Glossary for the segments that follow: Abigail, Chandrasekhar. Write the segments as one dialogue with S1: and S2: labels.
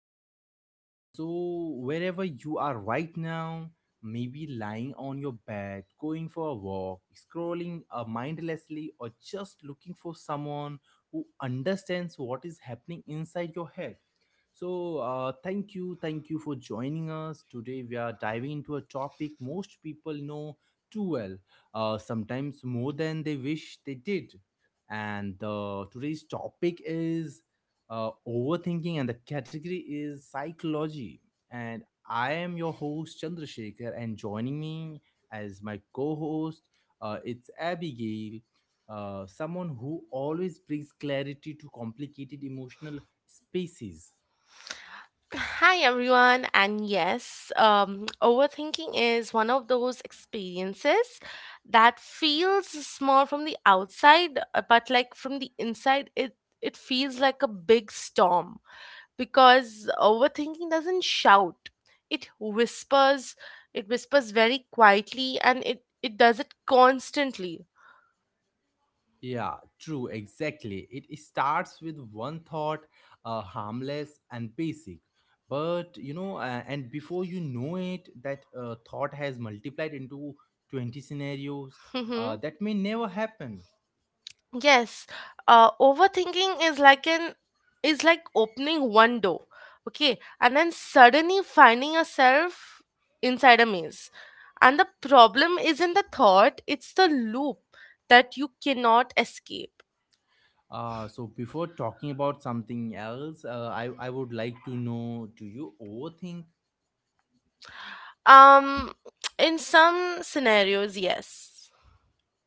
S1: where, wherever you are right now, maybe lying on your bed, going for a walk, scrolling mindlessly, or just looking for someone who understands what is happening inside your head. So, thank you, for joining us today. We are diving into a topic most people know too well, sometimes more than they wish they did, and today's topic is overthinking, and the category is psychology. And I am your host, Chandrasekhar, and joining me as my co-host, it's Abigail, someone who always brings clarity to complicated emotional spaces.
S2: Hi everyone, and yes, overthinking is one of those experiences that feels small from the outside, but like from the inside, it feels like a big storm because overthinking doesn't shout; it whispers, it whispers very quietly, and it does it constantly.
S1: Yeah, true, exactly. It starts with one thought, harmless and basic. But you know, and before you know it, that thought has multiplied into 20 scenarios that may never happen.
S2: Yes, overthinking is like opening one door, okay, and then suddenly finding yourself inside a maze. And the problem isn't the thought, it's the loop that you cannot escape.
S1: Before talking about something else, I would like to know, do you overthink?
S2: Um, in some scenarios, yes.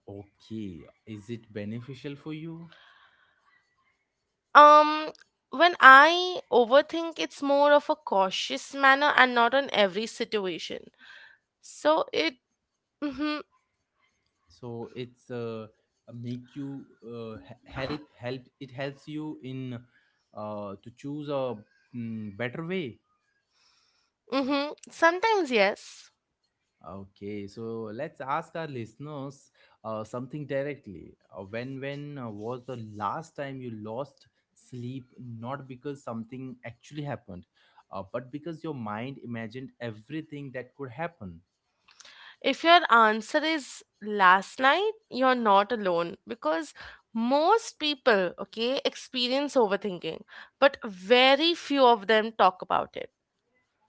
S1: Okay, is it beneficial for you?
S2: Um, when I overthink, it's more of a cautious manner and not on every situation. So it, mm-hmm,
S1: So it's make you help. It helps you in to choose a better way.
S2: mm-hmm, sometimes yes.
S1: Okay, so let's ask our listeners something directly. When was the last time you lost sleep? Not because something actually happened, but because your mind imagined everything that could happen.
S2: If your answer is last night, you're not alone because most people, okay, experience overthinking, but very few of them talk about it.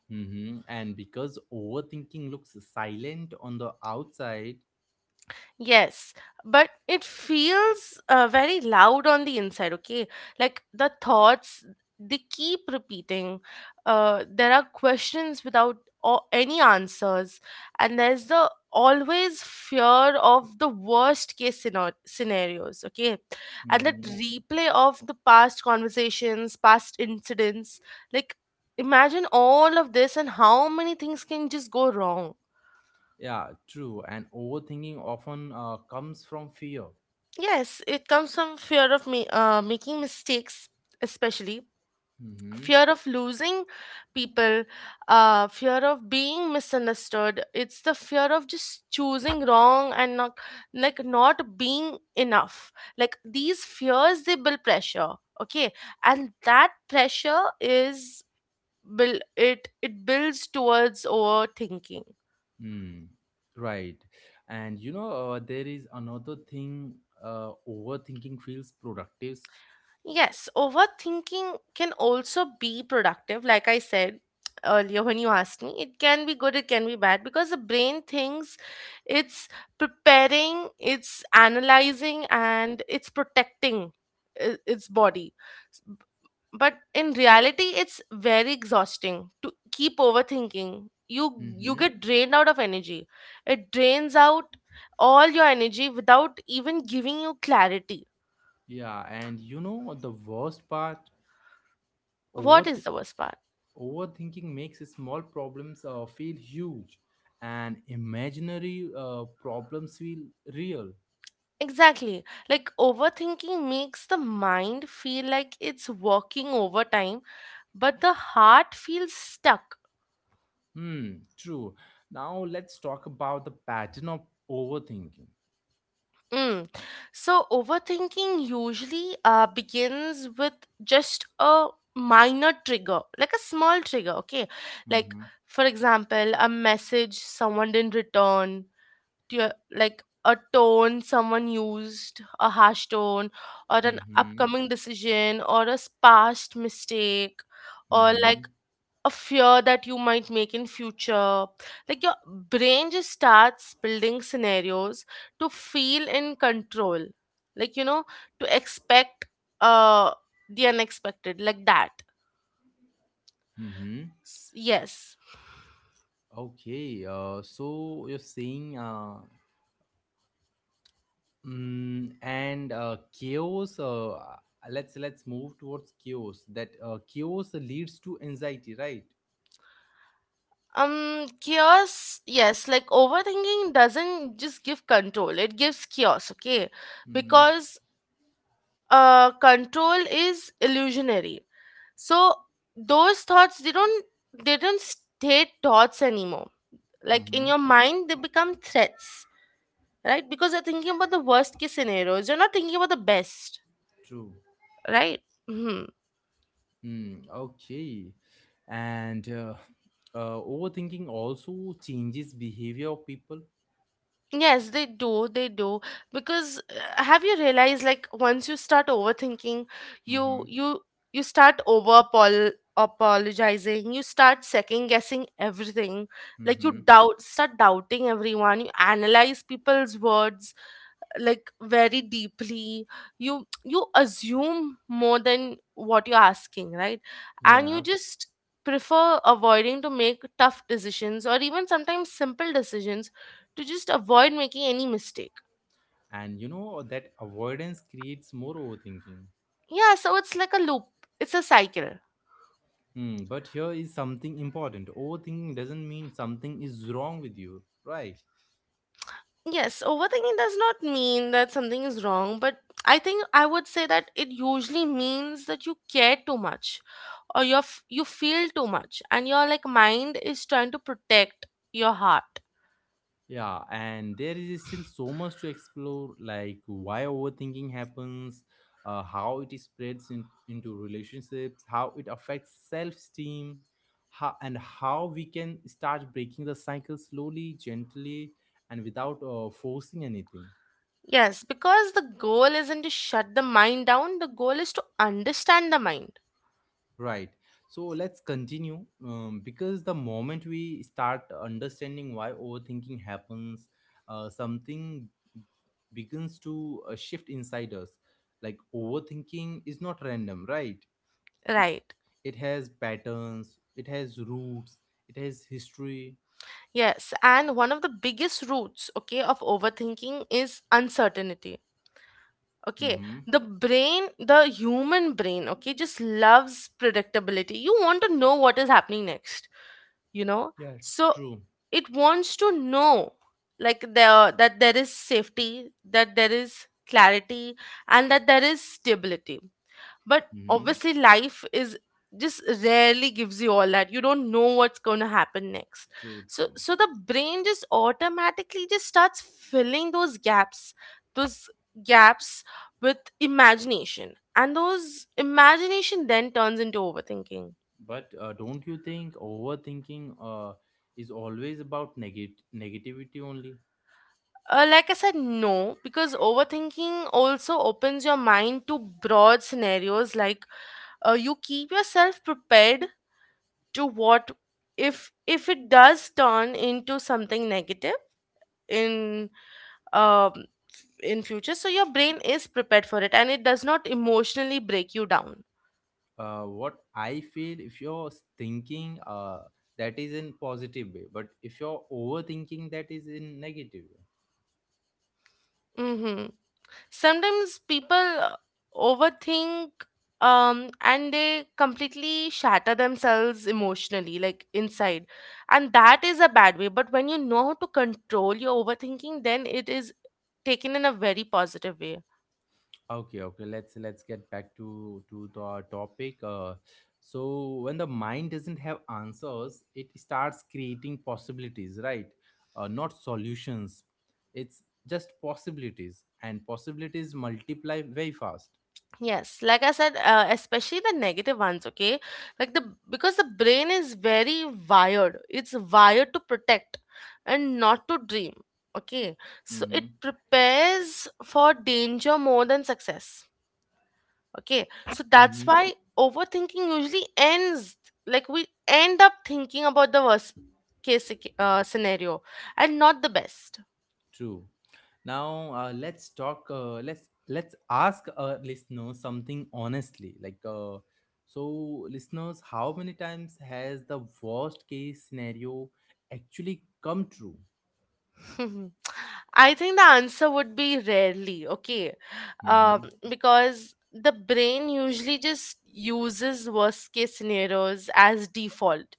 S1: Hmm. And because overthinking looks silent on the outside.
S2: Yes, but it feels very loud on the inside, okay? Like the thoughts, they keep repeating. There are questions without or any answers, and there's the always fear of the worst case scenarios, okay? And that
S1: Hmm.
S2: replay of the past conversations, past incidents, like imagine all of this and how many things can just go wrong.
S1: Yeah, true. And overthinking often comes from fear.
S2: Yes, it comes from fear of me making mistakes, especially
S1: Hmm.
S2: fear of losing people, fear of being misunderstood. It's the fear of just choosing wrong and not like not being enough. Like these fears, they build pressure. Okay, and that pressure is build it builds towards overthinking.
S1: Hmm. Right. And you know, there is another thing, overthinking feels productive.
S2: Yes, overthinking can also be productive. Like I said earlier when you asked me, it can be good, it can be bad because the brain thinks it's preparing, it's analyzing, and it's protecting its body. S- b- But in reality, it's very exhausting to keep overthinking. You
S1: Mm-hmm.
S2: get drained out of energy. It drains out all your energy without even giving you clarity.
S1: Yeah. And you know, the worst part,
S2: What
S1: over
S2: is the worst part?
S1: overthinking makes small problems feel huge, and imaginary problems feel real.
S2: Exactly. Like overthinking makes the mind feel like it's working overtime, but the heart feels stuck.
S1: Hmm. True. Now let's talk about the pattern of overthinking.
S2: Mm. So overthinking usually begins with just a minor trigger, like a small trigger, okay? Like,
S1: Mm-hmm.
S2: for example, a message someone didn't return, do you, like a tone someone used, a harsh tone, or an
S1: Mm-hmm.
S2: upcoming decision, or a past mistake, or
S1: Mm-hmm.
S2: like a fear that you might make in future, like your brain just starts building scenarios to feel in control, like you know, to expect uh the unexpected, like that.
S1: Mm-hmm.
S2: Yes.
S1: Okay, so you're saying, mm, and chaos. Let's move towards chaos. That chaos leads to anxiety, right?
S2: Chaos, yes, like overthinking doesn't just give control, it gives chaos, okay?
S1: Mm-hmm.
S2: Because control is illusionary. So those thoughts they don't stay thoughts anymore. Like in
S1: Mm-hmm.
S2: your mind they become threats, right? Because you're thinking about the worst case scenarios, you're not thinking about the best,
S1: True.
S2: right? Hmm.
S1: Mm, okay, and overthinking also changes behavior of people.
S2: Yes, they do. They do. Because have you realized, like once you start overthinking, you
S1: Mm-hmm.
S2: you you start over apologizing, you start second guessing everything. Like you
S1: Mm-hmm.
S2: doubt, start doubting everyone, you analyze people's words like very deeply, you assume more than what you're asking, right? And you
S1: Yeah,
S2: just prefer avoiding to make tough decisions or even sometimes simple decisions, to just avoid making any mistake.
S1: and you know that avoidance creates more overthinking.
S2: Yeah, so it's like a loop, it's a cycle.
S1: Hmm, but here is something important. Overthinking doesn't mean something is wrong with you, right?
S2: Yes, overthinking does not mean that something is wrong, but I think I would say that it usually means that you care too much or you feel too much and your like mind is trying to protect your heart.
S1: Yeah, and there is still so much to explore, like why overthinking happens, how it spreads into relationships, how it affects self-esteem, how, and how we can start breaking the cycle slowly, gently, and without forcing anything.
S2: Yes, because the goal isn't to shut the mind down, the goal is to understand the mind.
S1: Right. So let's continue, because the moment we start understanding why overthinking happens, something begins to shift inside us. Like overthinking is not random, right?
S2: Right.
S1: It has patterns, it has roots, it has history.
S2: Yes, and one of the biggest roots, okay, of overthinking is uncertainty, okay?
S1: Mm-hmm.
S2: The brain the human brain, okay, just loves predictability. You want to know what is happening next you know
S1: Yeah, it's
S2: so
S1: true.
S2: it wants to know, like there, that there is safety, that there is clarity, and that there is stability, but
S1: Mm-hmm.
S2: obviously life is just rarely gives you all that. You don't know what's going to happen next.
S1: True,
S2: so
S1: true.
S2: so the brain just automatically just starts filling those gaps with imagination, and those imagination then turns into overthinking.
S1: But don't you think overthinking is always about negativity only?
S2: Like I said, no, because overthinking also opens your mind to broad scenarios. Like, you keep yourself prepared to what if it does turn into something negative in um, in future, so your brain is prepared for it and it does not emotionally break you down.
S1: What I feel, if you're thinking, that is in positive way, but if you're overthinking, that is in negative way.
S2: hmm Sometimes people overthink um and they completely shatter themselves emotionally, like inside, and that is a bad way, but when you know how to control your overthinking, then it is taken in a very positive way.
S1: Okay, okay. Let's get back to the topic. So when the mind doesn't have answers, it starts creating possibilities, right? Not solutions. It's just possibilities, and possibilities multiply very fast.
S2: Yes, like I said, especially the negative ones, okay? Like the because the brain is very wired. It's wired to protect and not to dream, okay? So
S1: Hmm.
S2: it prepares for danger more than success, okay? So that's
S1: Mhm.
S2: why overthinking usually ends, like we end up thinking about the worst case scenario and not the best.
S1: True. Now let's talk. Let's let's ask our listeners something honestly. Like, so listeners, how many times has the worst case scenario actually come true?
S2: I think the answer would be rarely, okay?
S1: Mm-hmm.
S2: Because the brain usually just uses worst case scenarios as default.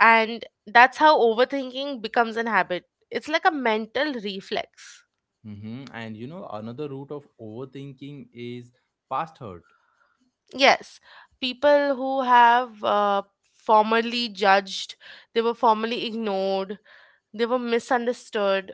S2: And that's how overthinking becomes an habit. It's like a mental reflex.
S1: Mm-hmm. And you know, another root of overthinking is past hurt.
S2: Yes, people who have formerly judged, they were formerly ignored, they were misunderstood,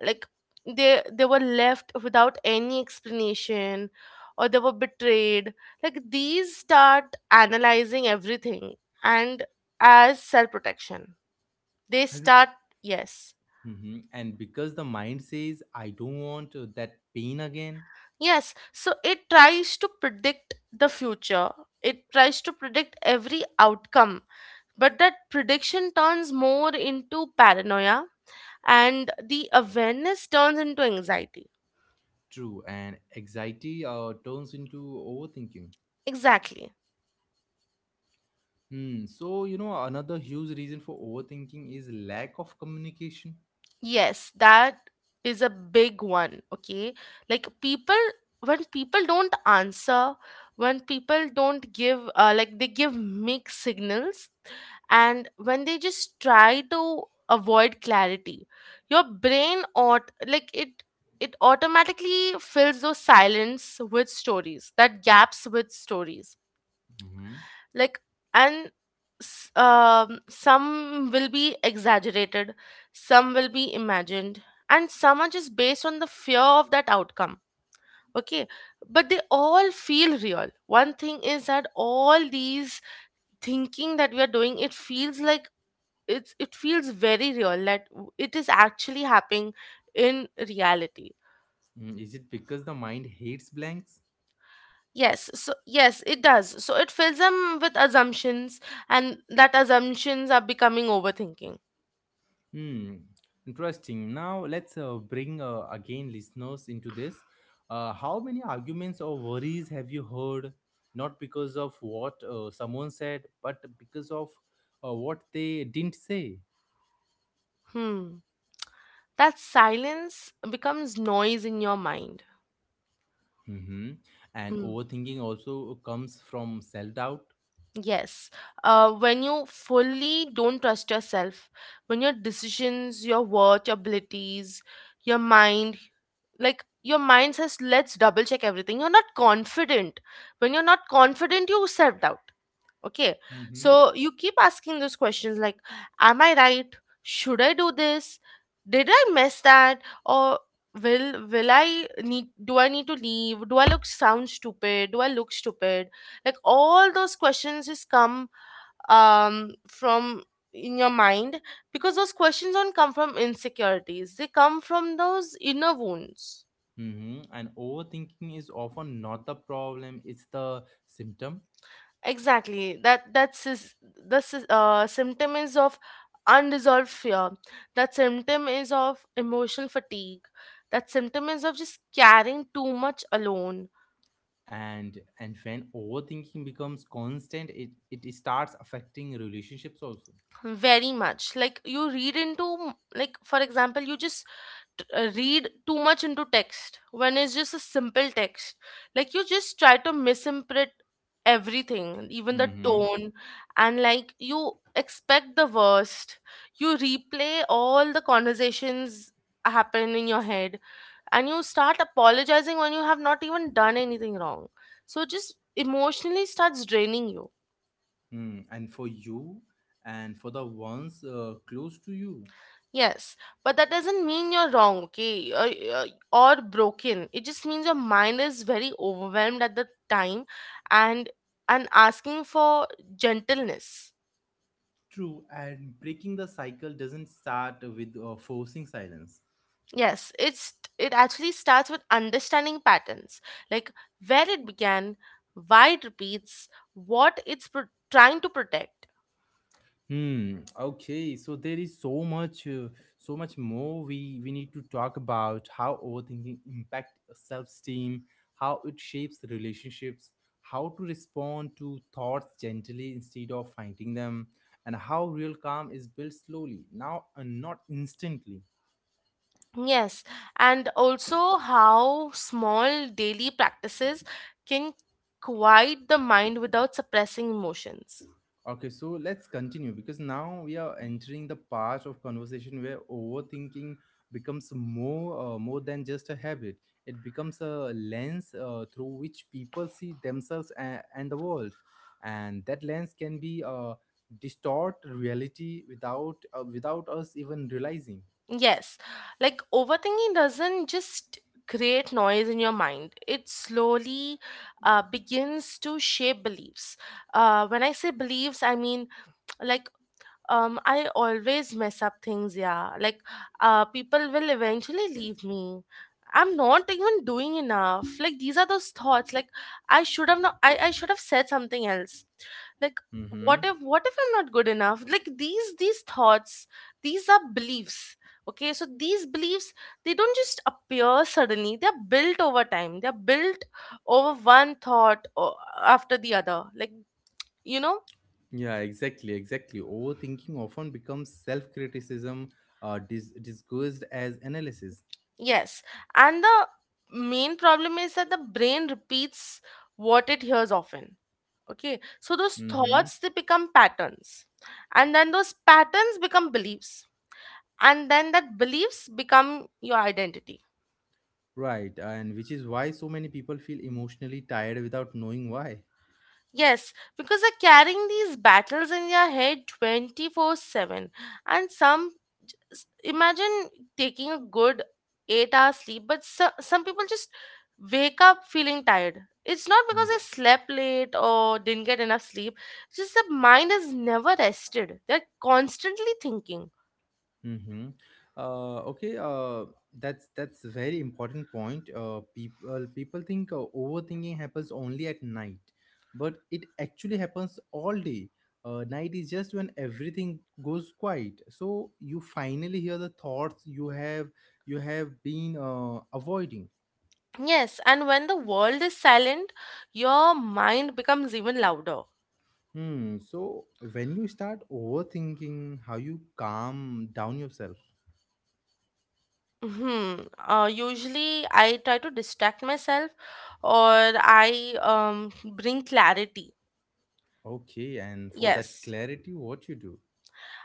S2: like they were left without any explanation or they were betrayed, like these start analyzing everything, and as self protection they
S1: And,
S2: start. Yes,
S1: hmm, and because the mind says, "I don't want that pain again."
S2: yes, so it tries to predict the future, it tries to predict every outcome, but that prediction turns more into paranoia and the awareness turns into anxiety.
S1: True, and anxiety turns into overthinking.
S2: Exactly.
S1: Hmm. So, you know, another huge reason for overthinking is lack of communication.
S2: Yes, that is a big one. Okay. Like people, when people don't answer, when people don't give, like they give mixed signals, and when they just try to avoid clarity, your brain ought, like it automatically fills those silence with stories, that gaps with stories,
S1: Mm-hmm.
S2: like and some will be exaggerated, some will be imagined, and some are just based on the fear of that outcome, okay? But they all feel real. One thing is that all these thinking that we are doing, it feels like it feels very real, that it is actually happening in reality.
S1: Hmm, is it because the mind hates blanks?
S2: Yes, so yes it does, so it fills them with assumptions, and that assumptions are becoming overthinking.
S1: Hmm. Interesting. Now, let's bring again listeners into this. How many arguments or worries have you heard? Not because of what someone said, but because of what they didn't say.
S2: hmm that silence becomes noise in your mind.
S1: Mm-hmm. And
S2: Mm,
S1: overthinking also comes from self doubt.
S2: yes. When you fully don't trust yourself, when your decisions, your worth, your abilities, your mind, like your mind says, let's double check everything. You're not confident. When you're not confident, you self doubt. Okay.
S1: Mm-hmm.
S2: So you keep asking those questions like, am I right? Should I do this? Did I mess that? Or will I need do I need to leave? Do I look sound stupid? Do I look stupid? Like all those questions just come from in your mind, because those questions don't come from insecurities. They come from those inner wounds.
S1: Hmm, and overthinking is often not the problem, it's the symptom.
S2: Exactly. That that's is the symptom is of unresolved fear. That symptom is of emotional fatigue. That symptom is of just carrying too much alone.
S1: And when overthinking becomes constant, it starts affecting relationships also.
S2: Very much. Like you read into, like for example, you just read too much into text when it's just a simple text, like you just try to misinterpret everything, even the
S1: Mm-hmm.
S2: tone, and like you expect the worst, you replay all the conversations happen in your head, and you start apologizing when you have not even done anything wrong, so it just emotionally starts draining you.
S1: Hmm, and for you and for the ones close to you.
S2: Yes, but that doesn't mean you're wrong, okay, or broken. It just means your mind is very overwhelmed at the time, and and asking for gentleness.
S1: True. And breaking the cycle doesn't start with forcing silence.
S2: Yes, it actually starts with understanding patterns, like where it began, why it repeats, what it's trying to protect.
S1: Hmm. Okay. So there is so much, so much more we need to talk about, how overthinking impact self-esteem, how it shapes the relationships, how to respond to thoughts gently instead of fighting them, and how real calm is built slowly, now and not instantly.
S2: Yes, and also how small daily practices can quiet the mind without suppressing emotions.
S1: Okay, so let's continue, because now we are entering the part of conversation where overthinking becomes more than just a habit. It becomes a lens through which people see themselves and, the world, and that lens can be distort reality without us even realizing.
S2: Yes, like overthinking doesn't just create noise in your mind. It slowly begins to shape beliefs. When I say beliefs, I mean, like I always mess up things, yeah, like people will eventually leave me, I'm not even doing enough, like these are those thoughts, like I should have not I should have said something else, like
S1: Mm-hmm.
S2: what if I'm not good enough, like these thoughts, these are beliefs, okay, so these beliefs, they don't just appear suddenly, they're built over time, they're built over one thought or after the other you know
S1: Yeah, exactly, exactly. Overthinking often becomes self-criticism, disguised as analysis.
S2: Yes, and the main problem is that the brain repeats what it hears often. Okay, so those
S1: Mm-hmm.
S2: thoughts they become patterns, and then those patterns become beliefs, and then that beliefs become your identity.
S1: Right, and which is why so many people feel emotionally tired without knowing why.
S2: Yes, because they're carrying these battles in your head 24/7, and imagine taking a good 8 hours sleep, but some people just wake up feeling tired. It's not because
S1: Hmm.
S2: they slept late or didn't get enough sleep, it's just the mind is never rested, they're constantly thinking.
S1: Mm-hmm. Uh, okay, uh, that's a very important point. People think overthinking happens only at night, but it actually happens all day. Night is just when everything goes quiet, so you finally hear the thoughts you have been avoiding.
S2: Yes, and when the world is silent, your mind becomes even louder.
S1: Hmm. So when you start overthinking, how you calm down yourself?
S2: hmm Usually I try to distract myself, or I bring clarity.
S1: Okay, and for that
S2: Yes,
S1: clarity, what you do?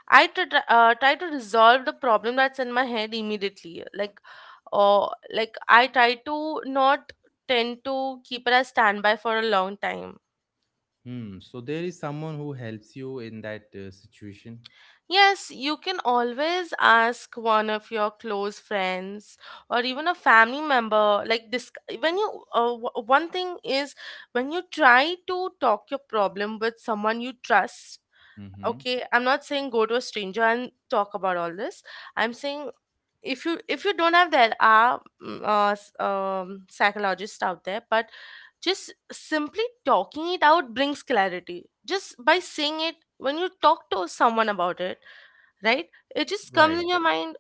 S2: I try to resolve the problem that's in my head immediately. Like, or like I try to not tend to keep it as standby for a long time.
S1: Hmm. So there is someone who helps you in that situation.
S2: Yes, you can always ask one of your close friends or even a family member. Like this, one thing is, when you try to talk your problem with someone you trust.
S1: Mm-hmm.
S2: Okay, I'm not saying go to a stranger and talk about all this. I'm saying, if you don't have, there are psychologists out there, but just simply talking it out brings clarity. Just by saying it, when you talk to someone about it, right, it just comes
S1: Right.
S2: in your mind.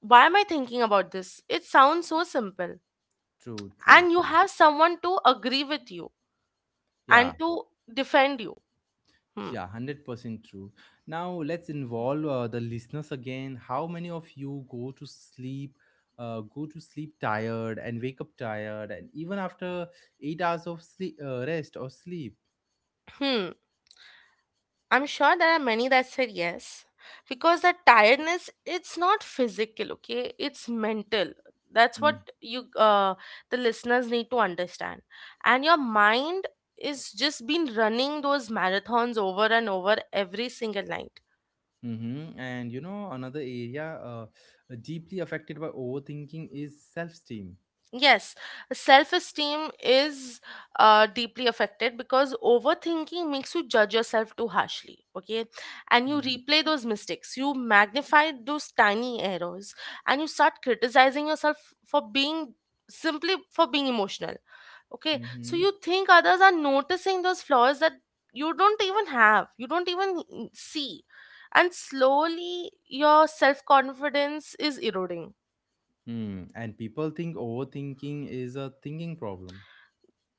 S2: Why am I thinking about this? It sounds so simple.
S1: True. True.
S2: And you
S1: True.
S2: have someone to agree with you
S1: Yeah.
S2: and to defend you. hmm.
S1: Yeah. 100% true. Now let's involve the listeners again. How many of you go to sleep? Go to sleep tired and wake up tired, and even after 8 hours of sleep, rest or sleep.
S2: Hmm. I'm sure there are many that said yes, because the tiredness, it's not physical, okay, it's mental. That's
S1: Mm-hmm.
S2: what you, the listeners, need to understand. And your mind is just been running those marathons over and over every single night.
S1: And you know, another area deeply affected by overthinking is self-esteem.
S2: Yes, self esteem is deeply affected, because overthinking makes you judge yourself too harshly, okay? And you replay those mistakes, you magnify those tiny errors, and you start criticizing yourself for being, simply for being emotional, okay? So
S1: Mm-hmm.
S2: you think others are noticing those flaws that you don't even have, you don't even see. And slowly, your self confidence is eroding.
S1: Mm. And people think overthinking is a thinking problem.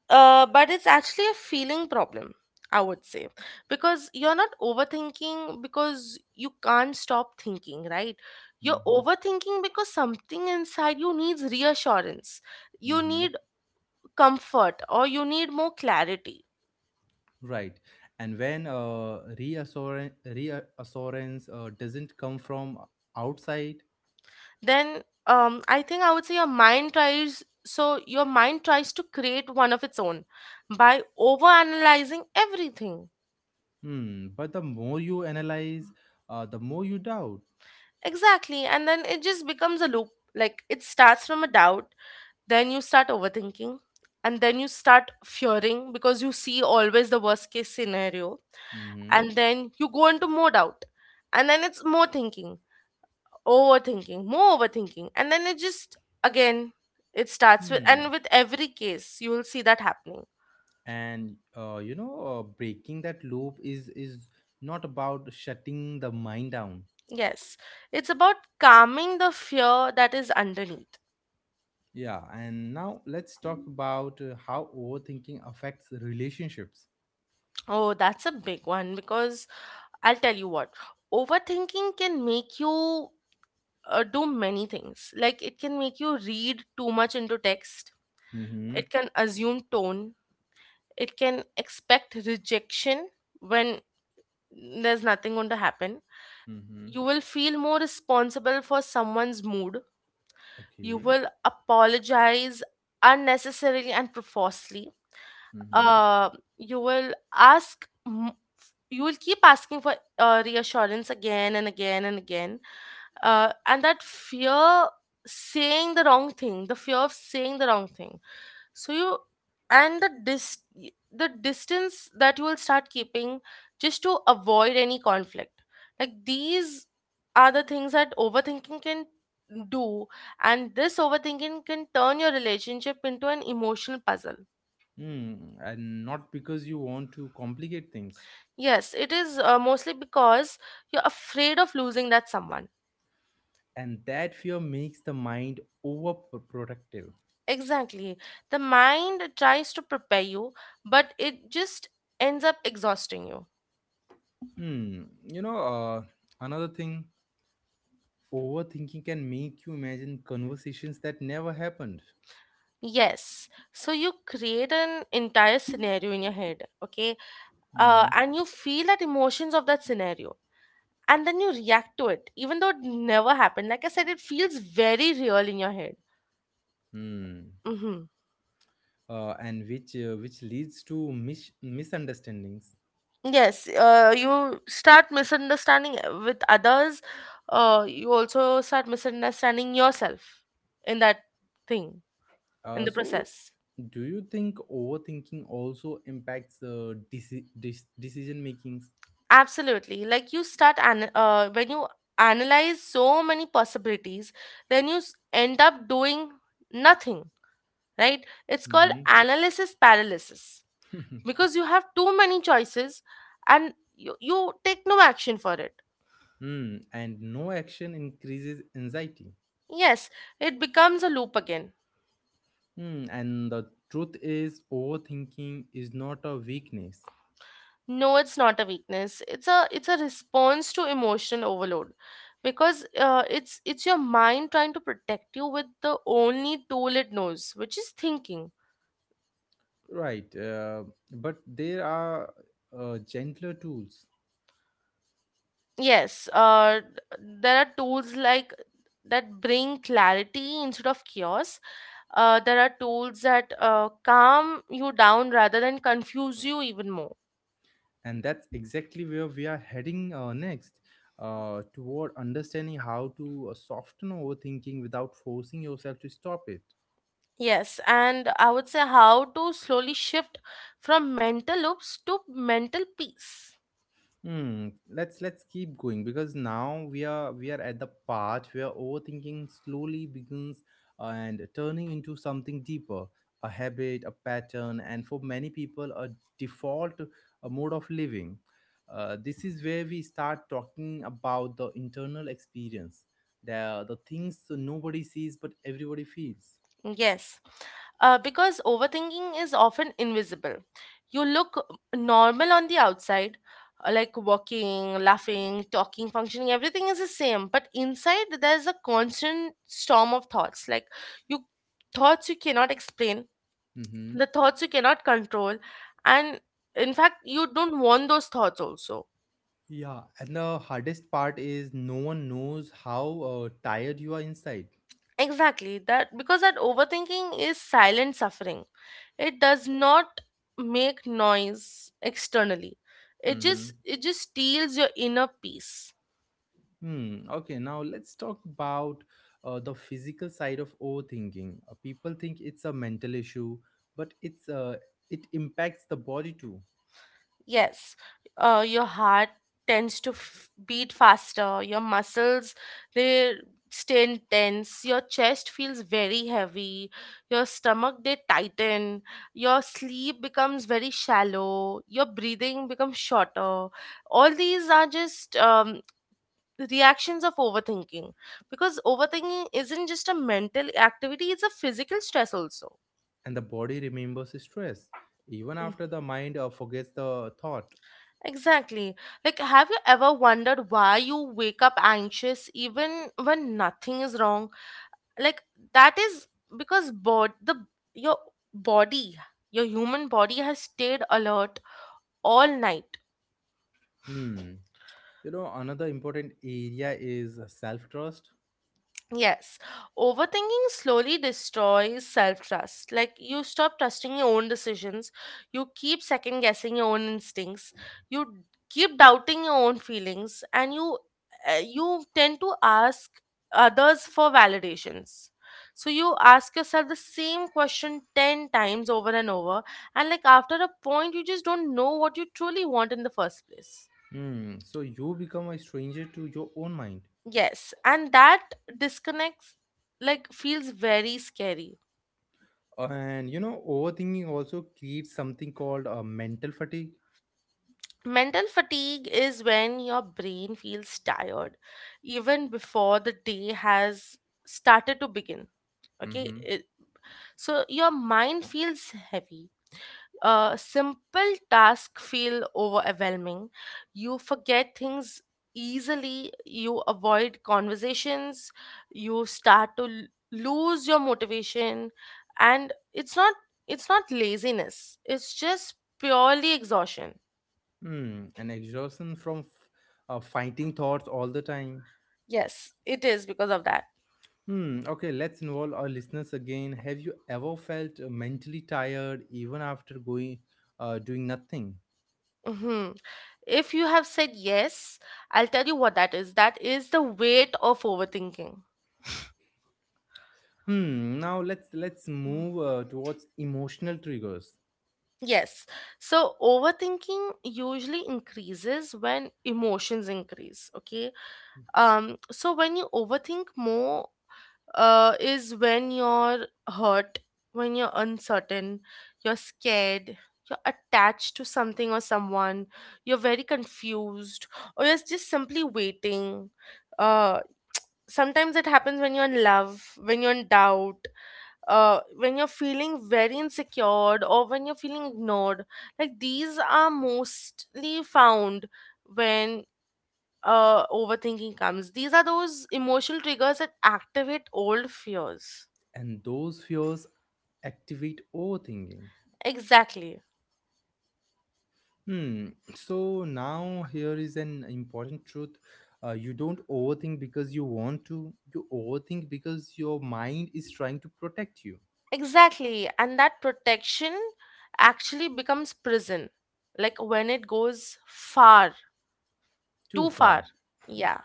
S2: But it's actually a feeling problem, I would say, because you're not overthinking because you can't stop thinking, right? You're
S1: Mm-hmm.
S2: overthinking because something inside you needs reassurance, you
S1: Mm-hmm.
S2: need comfort, or you need more clarity.
S1: Right. And when reassurance doesn't come from outside,
S2: Then, I think I would say your mind tries. So your mind tries to create one of its own by overanalyzing everything.
S1: hmm, but the more you analyze, the more you doubt.
S2: Exactly, and then it just becomes a loop. Like, it starts from a doubt, then you start overthinking, and then you start fearing because you see always the worst case scenario,
S1: Mm-hmm.
S2: and then you go into more doubt, and then it's more thinking, overthinking, more overthinking, and then it just again, it starts with,
S1: Hmm.
S2: and with every case you will see that happening.
S1: And you know, breaking that loop is not about shutting the mind down.
S2: Yes, it's about calming the fear that is underneath.
S1: Yeah, and now let's talk about how overthinking affects relationships.
S2: Oh, that's a big one, because I'll tell you what, overthinking can make you do many things. Like, it can make you read too much into text,
S1: Mm-hmm.
S2: it can assume tone, it can expect rejection when there's nothing going to happen.
S1: Mm-hmm.
S2: You will feel more responsible for someone's mood. You
S1: Okay.
S2: will apologize unnecessarily and profusely.
S1: Mm-hmm.
S2: Uh, you will ask, m- you will keep asking for reassurance again and again and again. And that fear, saying the wrong thing the fear of saying the wrong thing, so you, and the dis the distance that you will start keeping, just to avoid any conflict. Like, these are the things that overthinking can do. And this overthinking can turn your relationship into an emotional puzzle.
S1: Hmm, and not because you want to complicate things.
S2: Yes, it is mostly because you're afraid of losing that someone.
S1: And that fear makes the mind overprotective.
S2: Exactly. The mind tries to prepare you, but it just ends up exhausting you.
S1: Hmm. You know, another thing, overthinking can make you imagine conversations that never happened.
S2: Yes. So you create an entire scenario in your head, okay? Uh,
S1: Mm-hmm.
S2: and you feel that emotions of that scenario. And then you react to it, even though it never happened. Like I said, it feels very real in your head.
S1: Hmm.
S2: hmm
S1: And which leads to misunderstandings.
S2: Yes. You start misunderstanding with others. You also start misunderstanding yourself in that thing, in the
S1: So,
S2: process.
S1: do you think overthinking also impacts decision makings?
S2: Absolutely. Like, you start an when you analyze so many possibilities, then you end up doing nothing, right? It's called
S1: Hmm.
S2: analysis paralysis, because you have too many choices, and you take no action for it.
S1: Hmm, and no action increases anxiety.
S2: Yes, it becomes a loop again.
S1: Hmm, and the truth is, overthinking is not a weakness.
S2: No, it's not a weakness. It's a response to emotional overload, because it's your mind trying to protect you with the only tool it knows, which is thinking.
S1: Right. But there are gentler tools.
S2: Yes, there are tools like that bring clarity instead of chaos. There are tools that calm you down rather than confuse you even more.
S1: And that's exactly where we are heading next, toward understanding how to soften overthinking without forcing yourself to stop it.
S2: Yes, and I would say how to slowly shift from mental loops to mental peace.
S1: Hmm. Let's keep going because now we are at the part where overthinking slowly begins, and turning into something deeper, a habit, a pattern, and for many people a default, a mode of living. This is where we start talking about the internal experience, the things nobody sees but everybody feels.
S2: Yes, because overthinking is often invisible. You look normal on the outside, like walking, laughing, talking, functioning, everything is the same. But inside, there's a constant storm of thoughts. Like, you, thoughts you cannot explain,
S1: Mm-hmm.
S2: the thoughts you cannot control, and in fact, you don't want those thoughts also.
S1: Yeah, and the hardest part is no one knows how tired you are inside.
S2: Exactly that, because that overthinking is silent suffering. It does not make noise externally, it just
S1: Mm-hmm.
S2: it just steals your inner peace.
S1: Hmm. Okay. Now let's talk about the physical side of overthinking. People think it's a mental issue, but it impacts the body too,
S2: Yes, your heart tends to beat faster, your muscles, they stay tense, your chest feels very heavy, your stomach, they tighten, your sleep becomes very shallow, your breathing becomes shorter. All these are just reactions of overthinking, because overthinking isn't just a mental activity, it's a physical stress also.
S1: and the body remembers stress even after the mind forgets the thought.
S2: Exactly. Like, have you ever wondered why you wake up anxious even when nothing is wrong? Like, that is because bod the your body your human body has stayed alert all night.
S1: Hmm. You know, another important area is self trust.
S2: Yes, overthinking slowly destroys self trust. Like, you stop trusting your own decisions, you keep second guessing your own instincts, you keep doubting your own feelings, and you tend to ask others for validations. So you ask yourself the same question 10 times over and over, and like after a point, you just don't know what you truly want in the first place.
S1: Hmm. So you become a stranger to your own mind,
S2: Yes, and that disconnects, like, feels very scary.
S1: and you know, overthinking also creates something called a mental fatigue.
S2: Mental fatigue is when your brain feels tired even before the day has started to begin. Okay,
S1: Mhm.
S2: So your mind feels heavy. A simple task feel overwhelming. You forget things easily. You avoid conversations. You start to lose your motivation, and it's not laziness. It's just purely exhaustion.
S1: Hmm, an exhaustion from fighting thoughts all the time.
S2: Yes, it is because of that.
S1: Hmm, okay, let's involve our listeners again. Have you ever felt mentally tired even after going doing nothing?
S2: hmm If you have said yes, I'll tell you what that is. That is the weight of overthinking.
S1: Hmm, now let's move towards emotional triggers,
S2: Yes. So, overthinking usually increases when emotions increase. Okay. So, when you overthink more, is when you're hurt, when you're uncertain, you're scared, you're attached to something or someone, you're very confused, or you're just simply waiting. Uh, sometimes it happens when you're in love, when you're in doubt, when you're feeling very insecure, or when you're feeling ignored. Like, these are mostly found when overthinking comes. These are those emotional triggers that activate old fears.
S1: and those fears activate overthinking.
S2: Exactly.
S1: Hmm. So now here is an important truth. You don't overthink because you want to. You overthink because your mind is trying to protect you.
S2: Exactly, and that protection actually becomes prison, like when it goes far.
S1: Too
S2: Too far.
S1: far.
S2: Yeah.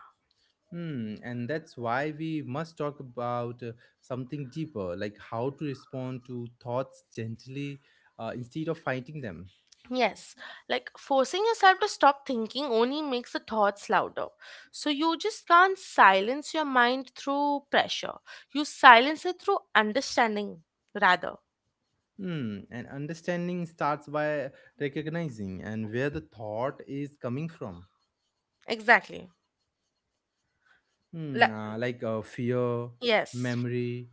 S1: Hmm. And that's why we must talk about something deeper, like how to respond to thoughts gently instead of fighting them.
S2: Yes, like forcing yourself to stop thinking only makes the thoughts louder. So you just can't silence your mind through pressure. You silence it through understanding, rather.
S1: Hmm. And understanding starts by recognizing and where the thought is coming from.
S2: Exactly.
S1: Hmm.
S2: Like,
S1: Like fear,
S2: yes,
S1: memory,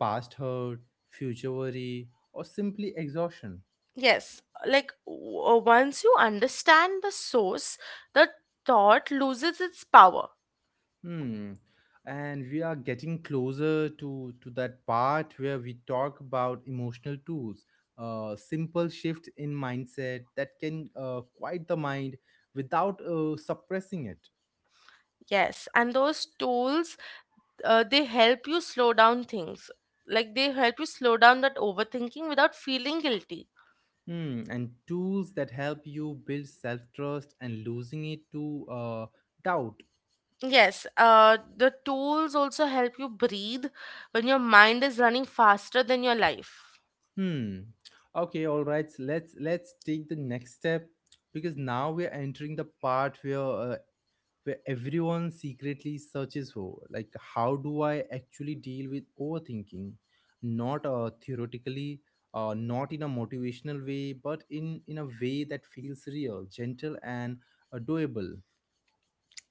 S1: past hurt, future worry, or simply exhaustion.
S2: yes. Like, once you understand the source, the thought loses its power.
S1: Hmm. And we are getting closer to that part where we talk about emotional tools, simple shift in mindset that can quiet the mind without suppressing it.
S2: Yes, and those tools, they help you slow down things, like they help you slow down that overthinking without feeling guilty.
S1: Hmm. And tools that help you build self trust, and losing it to doubt.
S2: Yes, the tools also help you breathe when your mind is running faster than your life.
S1: Hmm. Okay, all right. So let's take the next step, because now we are entering the part where everyone secretly searches for, like, how do I actually deal with overthinking, not theoretically, not in a motivational way but in a way that feels real, gentle, and doable.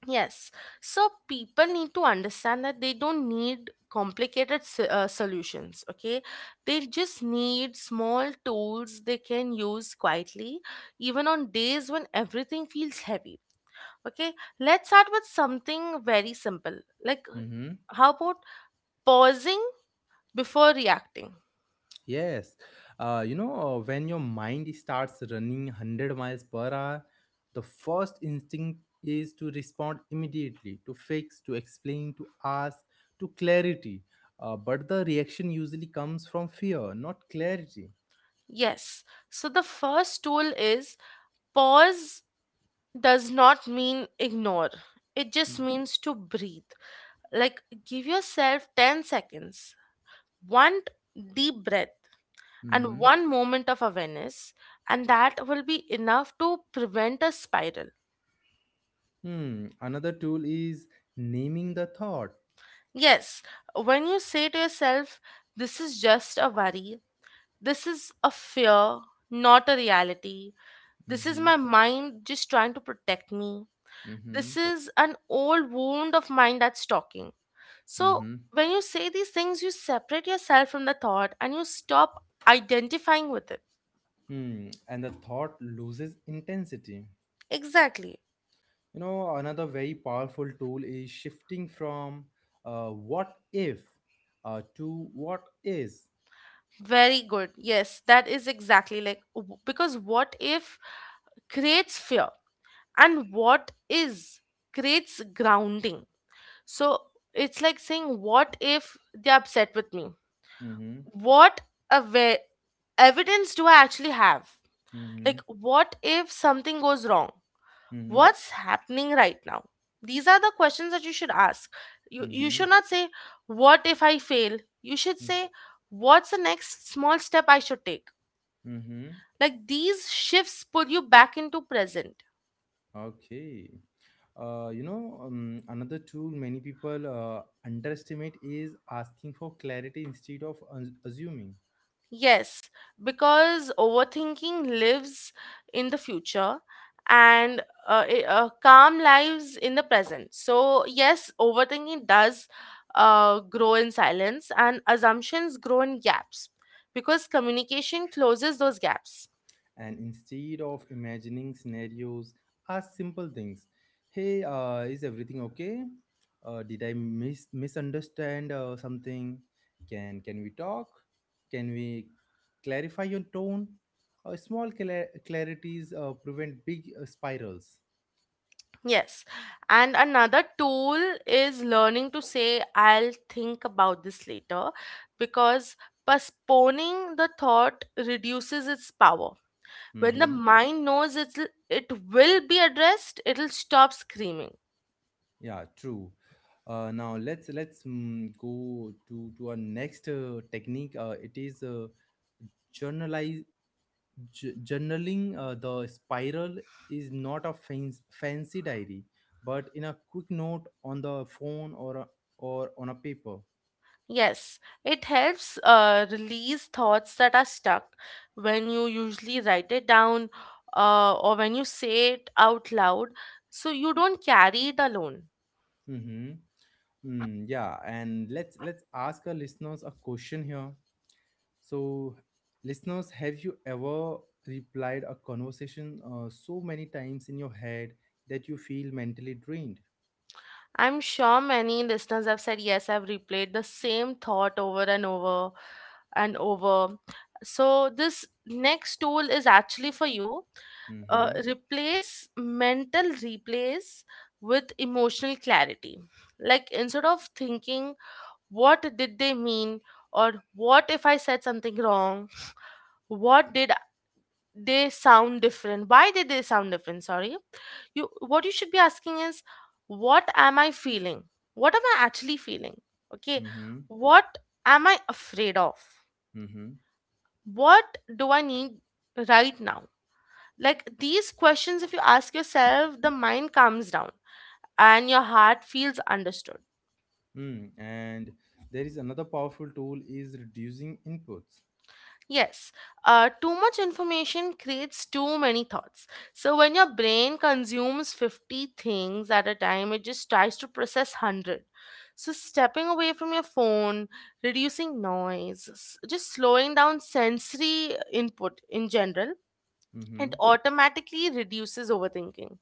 S2: Yes, so people need to understand that they don't need complicated solutions, okay? They just need small tools they can use quietly, even on days when everything feels heavy, okay? Let's start with something very simple. Like,
S1: Mm-hmm.
S2: how about pausing before reacting?
S1: Yes, when your mind starts running 100 miles per hour, the first instinct is to respond immediately, to fix, to explain, to ask, to clarity. But the reaction usually comes from fear, not clarity.
S2: Yes, so the first tool is pause. Does not mean ignore, it just means to breathe. Like, give yourself 10 seconds, one deep breath, and
S1: Mhm.
S2: one moment of awareness, and that will be enough to prevent a spiral.
S1: Hmm. Another tool is naming the thought.
S2: Yes, when you say to yourself, this is just a worry, this is a fear, not a reality, this is
S1: Hmm.
S2: my mind just trying to protect me,
S1: Hmm.
S2: this is an old wound of mine that's talking. So,
S1: Hmm.
S2: when you say these things, you separate yourself from the thought and you stop identifying with it.
S1: Hmm. And the thought loses intensity.
S2: Exactly.
S1: You know, another very powerful tool is shifting from what if to what is.
S2: Very good. Yes, that is exactly like, w- because what if creates fear, and what is creates grounding. So, it's like saying, what if they're upset with me?
S1: Mm-hmm.
S2: What aware evidence do I actually have? Like,
S1: Mm-hmm.
S2: what if something goes wrong?
S1: Mm-hmm.
S2: What's happening right now? These are the questions that you should ask. You
S1: Mm-hmm.
S2: should not say, what if I fail? You should
S1: Mm-hmm.
S2: say, what's the next small step I should take?
S1: Mm-hmm.
S2: Like, these shifts pull you back into present.
S1: Okay. Another tool many people underestimate is asking for clarity instead of assuming.
S2: Yes, because overthinking lives in the future, and calm lives in the present. So, yes, overthinking does grow in silence, and assumptions grow in gaps, because communication closes those gaps.
S1: And instead of imagining scenarios, ask simple things. Hey, is everything okay? Did I misunderstand something? Can we talk? Can we clarify your tone? Small clarities prevent big spirals.
S2: Yes, and another tool is learning to say, I'll think about this later because postponing the thought reduces its power. When the
S1: Hmm.
S2: mind knows it, it will be addressed, it'll stop screaming.
S1: Yeah, true. Now let's go to our next technique. Uh, it is uh, journalize J- journaling the spiral. Is not a fancy, fancy diary, but in a quick note on the phone or a, or on a paper.
S2: Yes, it helps release thoughts that are stuck when you usually write it down, or when you say it out loud, so you don't carry it alone.
S1: Mm-hmm. Mm, yeah, and let's ask our listeners a question here. So listeners, have you ever replied a conversation so many times in your head that you feel mentally drained?
S2: I'm sure many listeners have said, Yes, I've replayed the same thought over and over and over. So, this next tool is actually for you.
S1: Mm-hmm.
S2: Replace mental replace with emotional clarity, like instead of thinking, what did they mean, or what if I said something wrong, what did they sound different, why did they sound different, sorry, you what you should be asking is, what am I feeling, what am I actually feeling, okay,
S1: Mm-hmm.
S2: what am I afraid of,
S1: Mm-hmm.
S2: what do I need right now? Like these questions, if you ask yourself, the mind calms down and your heart feels understood.
S1: Mm. And there is another powerful tool is reducing inputs.
S2: Yes, too much information creates too many thoughts. So when your brain consumes 50 things at a time, it just tries to process 100. So stepping away from your phone, reducing noise, just slowing down sensory input in general, it
S1: Mm-hmm.
S2: automatically reduces overthinking.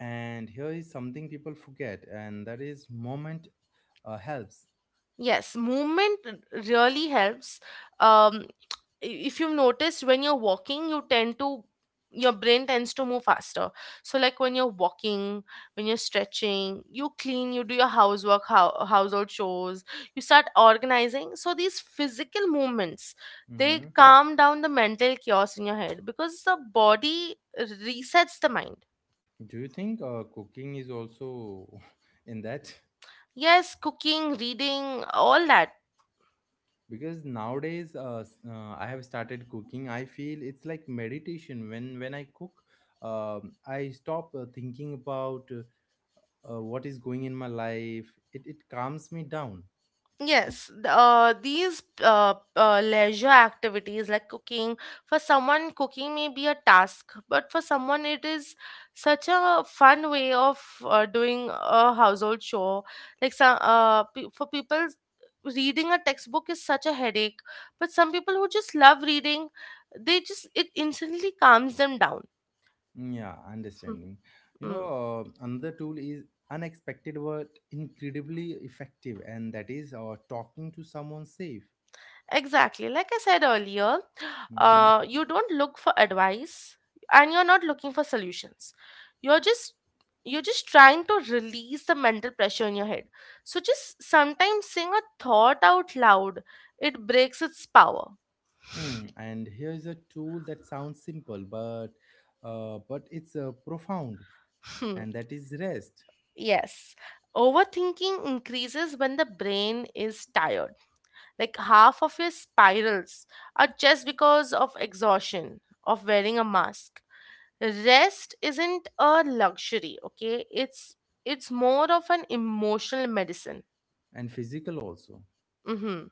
S1: And here is something people forget, and that is moment helps.
S2: Yes, movement really helps. Um, if you've noticed, when you're walking, you tend to, your brain tends to move faster. So, like when you're walking, when you're stretching, you clean, you do your housework, how household chores, you start organizing. So these physical movements, they
S1: Mm-hmm.
S2: calm down the mental chaos in your head because the body resets the mind.
S1: Do you think cooking is also in that?
S2: Yes, cooking, reading, all that.
S1: Because nowadays, I have started cooking. I feel it's like meditation. When I cook, I stop thinking about what is going in my life. It calms me down.
S2: Yes, these leisure activities like cooking, for someone, cooking may be a task, but for someone, it is such a fun way of doing a household chore. Like some, pe for people, reading a textbook is such a headache, but some people who just love reading, they just it instantly calms them down.
S1: Yeah, understanding. You know,
S2: Mm.
S1: another tool is unexpected but incredibly effective, and that is talking to someone safe.
S2: Exactly. Like I said earlier,
S1: Hmm.
S2: you don't look for advice, and you're not looking for solutions. You're just you're just trying to release the mental pressure in your head. So just sometimes saying a thought out loud, it breaks its power.
S1: Hmm. And here's a tool that sounds simple, but it's profound,
S2: Hmm.
S1: and that is rest.
S2: Yes. Overthinking increases when the brain is tired. Like half of your spirals are just because of exhaustion, of wearing a mask. Rest isn't a luxury, okay? It's more of an emotional medicine.
S1: And physical also.
S2: Mm-hmm.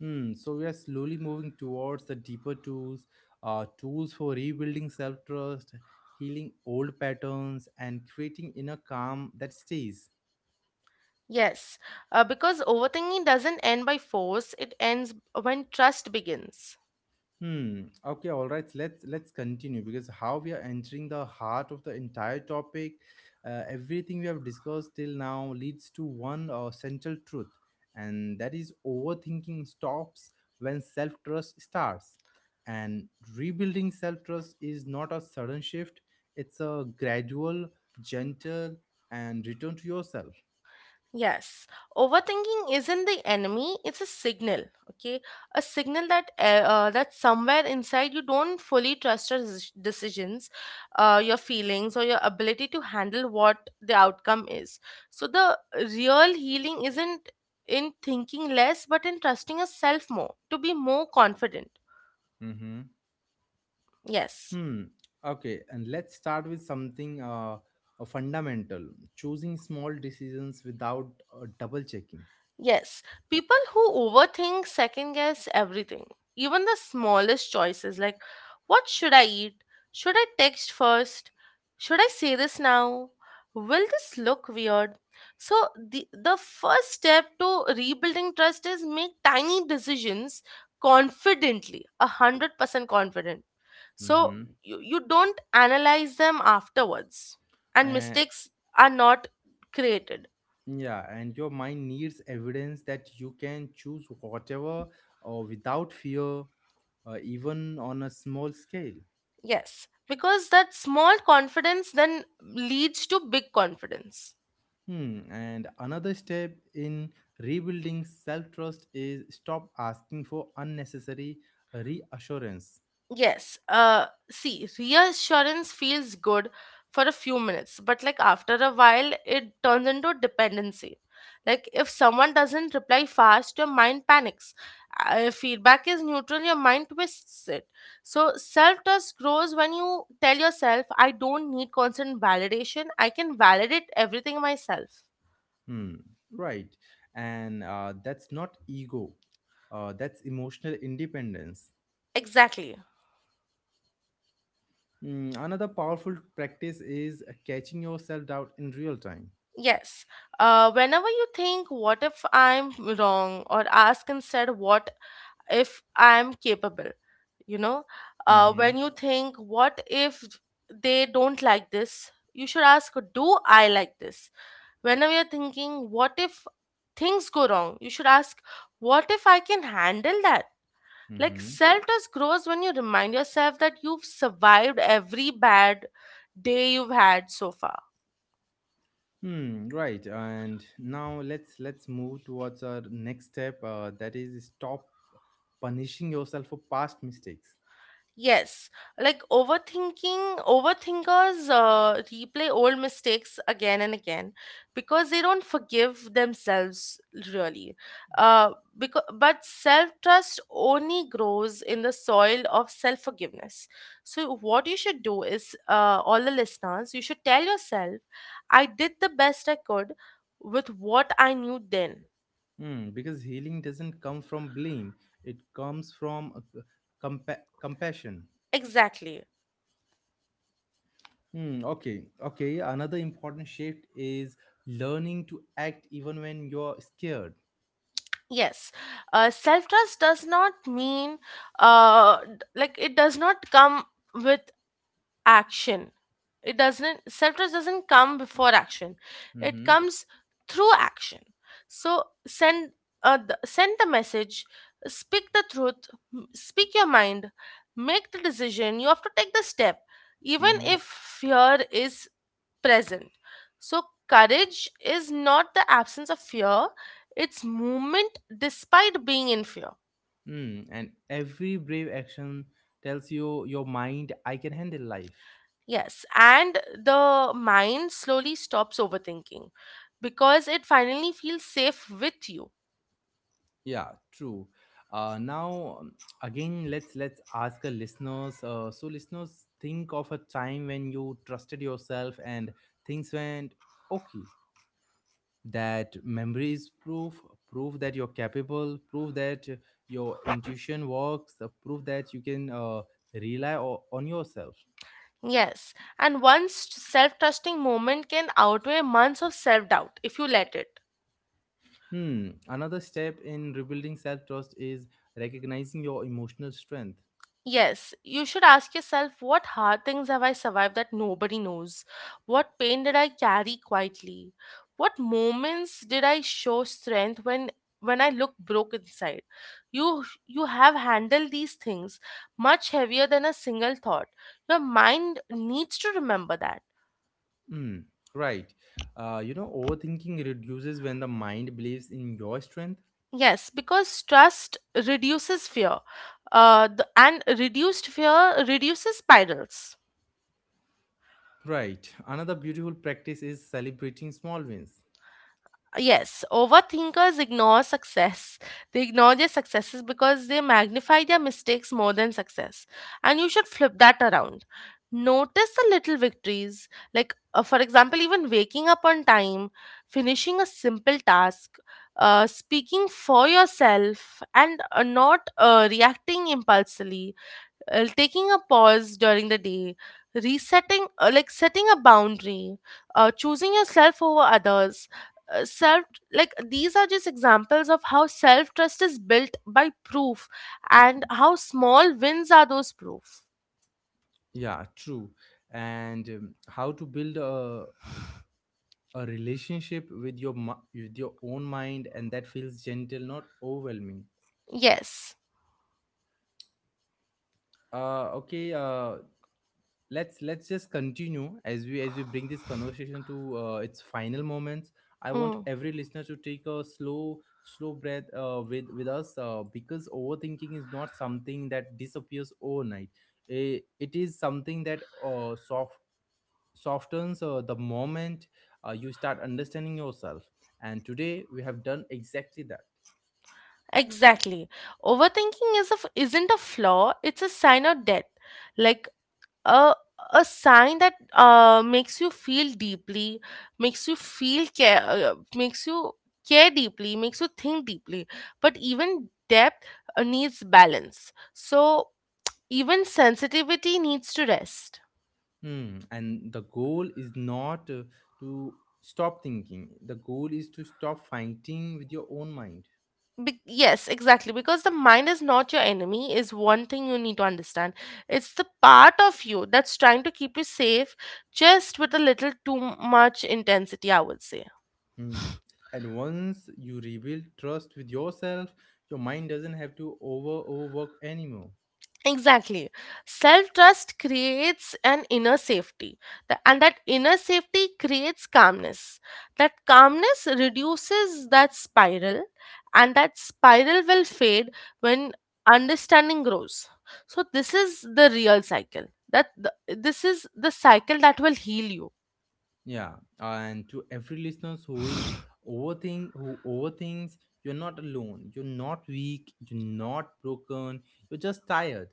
S1: Hmm. So we are slowly moving towards the deeper tools, tools for rebuilding self trust, healing old patterns, and creating inner calm that stays.
S2: Yes, because overthinking doesn't end by force, it ends when trust begins.
S1: Hmm. Okay. All right. Let's continue because how we are entering the heart of the entire topic. Everything we have discussed till now leads to one central truth, and that is overthinking stops when self trust starts, and rebuilding self trust is not a sudden shift; it's a gradual, gentle, and return to yourself.
S2: Yes, overthinking isn't the enemy, it's a signal, okay? A signal that that somewhere inside you don't fully trust your decisions, your feelings, or your ability to handle what the outcome is. So the real healing isn't in thinking less but in trusting yourself more, to be more confident. Yes.
S1: Hmm. Okay, and let's start with something fundamental: choosing small decisions without double checking.
S2: Yes, people who overthink second guess everything, even the smallest choices, like what should I eat? Should I text first? Should I say this now? Will this look weird? So the first step to rebuilding trust is make tiny decisions confidently, 100% confident. So
S1: Mm-hmm.
S2: you don't analyze them afterwards, and
S1: And
S2: mistakes are not created.
S1: yeah, and your mind needs evidence that you can choose whatever or without fear, even on a small scale.
S2: Yes, because that small confidence then leads to big confidence.
S1: Hmm. And another step in rebuilding self trust is stop asking for unnecessary reassurance.
S2: Yes, see, reassurance feels good for a few minutes, but like after a while, it turns into dependency. Like if someone doesn't reply fast, your mind panics. If feedback is neutral, your mind twists it. So self trust grows when you tell yourself, I don't need constant validation, I can validate everything myself.
S1: Hmm, right. And that's not ego, that's emotional independence.
S2: Exactly.
S1: Hmm, another powerful practice is catching yourself out in real time.
S2: Yes. Whenever you think, what if I'm wrong? Or ask instead, what if I'm capable? You know, when
S1: Mm-hmm.
S2: you think, what if they don't like this? You should ask, do I like this? Whenever you're thinking, what if things go wrong? You should ask, what if I can handle that? Like
S1: Mm-hmm.
S2: self trust grows when you remind yourself that you've survived every bad day you've had so far.
S1: Hmm, right. And now let's move towards our next step. That is stop punishing yourself for past mistakes.
S2: Yes, like overthinkers replay old mistakes again and again because they don't forgive themselves really. Uh, but self-trust only grows in the soil of self-forgiveness. So what you should do is, all the listeners, you should tell yourself, I did the best I could with what I knew then.
S1: Hmm, because healing doesn't come from blame; it comes from compassion.
S2: Exactly.
S1: Hmm, okay, okay. Another important shift is learning to act even when you're scared.
S2: Yes, self trust does not mean, like it does not come with action, it doesn't, self trust doesn't come before action, it
S1: Mm-hmm,
S2: comes through action. So send, send the message, speak the truth, speak your mind, make the decision, you have to take the step even
S1: mm-hmm,
S2: if fear is present. So courage is not the absence of fear, it's movement despite being in fear.
S1: mm. And every brave action tells you your mind, I can handle life.
S2: Yes, and the mind slowly stops overthinking because it finally feels safe with you.
S1: Yeah, true. Now, again, let's ask our listeners. So listeners, think of a time when you trusted yourself and things went okay. That memory is proof, proof that you're capable, proof that your intuition works, proof that you can rely on yourself.
S2: Yes, and one self trusting moment can outweigh months of self doubt if you let it.
S1: Hmm. Another step in rebuilding self trust is recognizing your emotional strength.
S2: Yes, you should ask yourself, what hard things have I survived that nobody knows? What pain did I carry quietly? What moments did I show strength when I look broke inside? You have handled these things much heavier than a single thought. Your mind needs to remember that.
S1: Hmm, right. You know, overthinking reduces when the mind believes in your strength.
S2: Yes, because trust reduces fear. And reduced fear reduces spirals.
S1: Right, another beautiful practice is celebrating small wins.
S2: Yes, overthinkers ignore success. They ignore their successes because they magnify their mistakes more than success. And you should flip that around. Notice the little victories, like, for example, even waking up on time, finishing a simple task, speaking for yourself, and not reacting impulsively, taking a pause during the day, resetting, like setting a boundary, choosing yourself over others, self like these are just examples of how self trust is built by proof, and how small wins are those proof.
S1: Yeah, true. And how to build a relationship with your with your own mind, and that feels gentle, not overwhelming.
S2: Yes.
S1: Okay, let's just continue as we bring this conversation to its final moments. I want
S2: Mm,
S1: every listener to take a slow, slow breath with us, because overthinking is not something that disappears overnight. It is something that softens the moment you start understanding yourself, and today we have done exactly that.
S2: exactly. Overthinking isn't a flaw, it's a sign of death. Like a a sign that makes you feel deeply, makes you feel care, makes you care deeply, makes you think deeply. But even depth needs balance. So even sensitivity needs to rest.
S1: Hmm. And the goal is not to stop thinking. The goal is to stop fighting with your own mind.
S2: Yes, exactly, because the mind is not your enemy, is one thing you need to understand. It's the part of you that's trying to keep you safe, just with a little too much intensity, I would say.
S1: Hmm. And once you rebuild trust with yourself, your mind doesn't have to overwork anymore.
S2: Exactly. Self trust creates an inner safety, and that inner safety creates calmness. That calmness reduces that spiral, and that spiral will fade when understanding grows. So, this is the real cycle. This is the cycle that will heal you.
S1: Yeah. And to every listeners who is overthink who overthinks, you're not alone. You're not weak. You're not broken. You're just tired.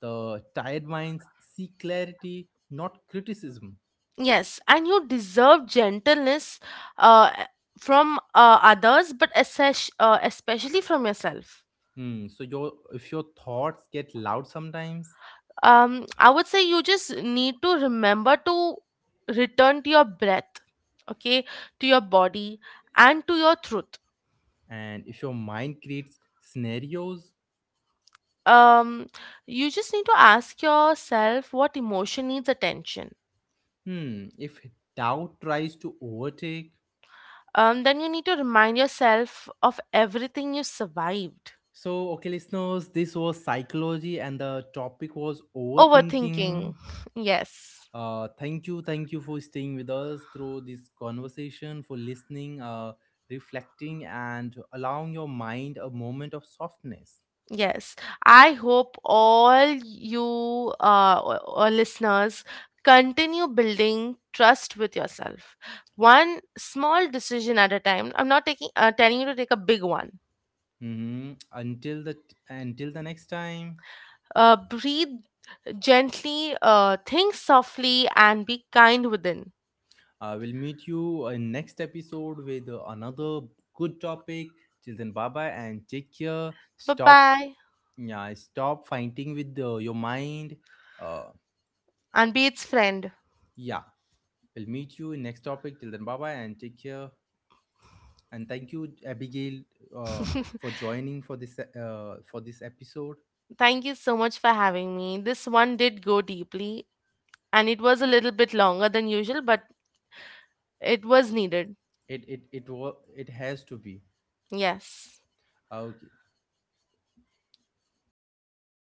S1: The tired minds seek clarity, not criticism.
S2: Yes, and you deserve gentleness uh, from others, but especially from yourself.
S1: Hmm. So your if your thoughts get loud sometimes,
S2: Um, I would say you just need to remember to return to your breath, okay, to your body, and to your truth.
S1: and if your mind creates scenarios,
S2: Um, you just need to ask yourself, what emotion needs attention.
S1: hmm. If doubt tries to overtake.
S2: Um, then you need to remind yourself of everything you survived,
S1: So okay, listeners, this was psychology, and the topic was
S2: overthinking.
S1: overthinking.
S2: Yes.
S1: Thank you for staying with us through this conversation, for listening, reflecting, and allowing your mind a moment of softness.
S2: Yes, I hope all you uh, o- listeners continue building trust with yourself. One small decision at a time. I'm not taking, telling you to take a big one.
S1: Mm-hmm. Until the next time.
S2: Breathe gently, think softly, and be kind within.
S1: I will meet you in next episode with another good topic. Till then, bye bye and take care.
S2: Bye
S1: Stop,
S2: bye,
S1: yeah, stop fighting with your mind. Uh,
S2: and be its friend.
S1: yeah, we'll meet you in next topic. Till then, bye bye and take care. And thank you, Abigail, uh, for joining for this episode.
S2: Thank you so much for having me. This one did go deeply, and it was a little bit longer than usual, but it was needed.
S1: It it has to be.
S2: Yes.
S1: Ah, okay.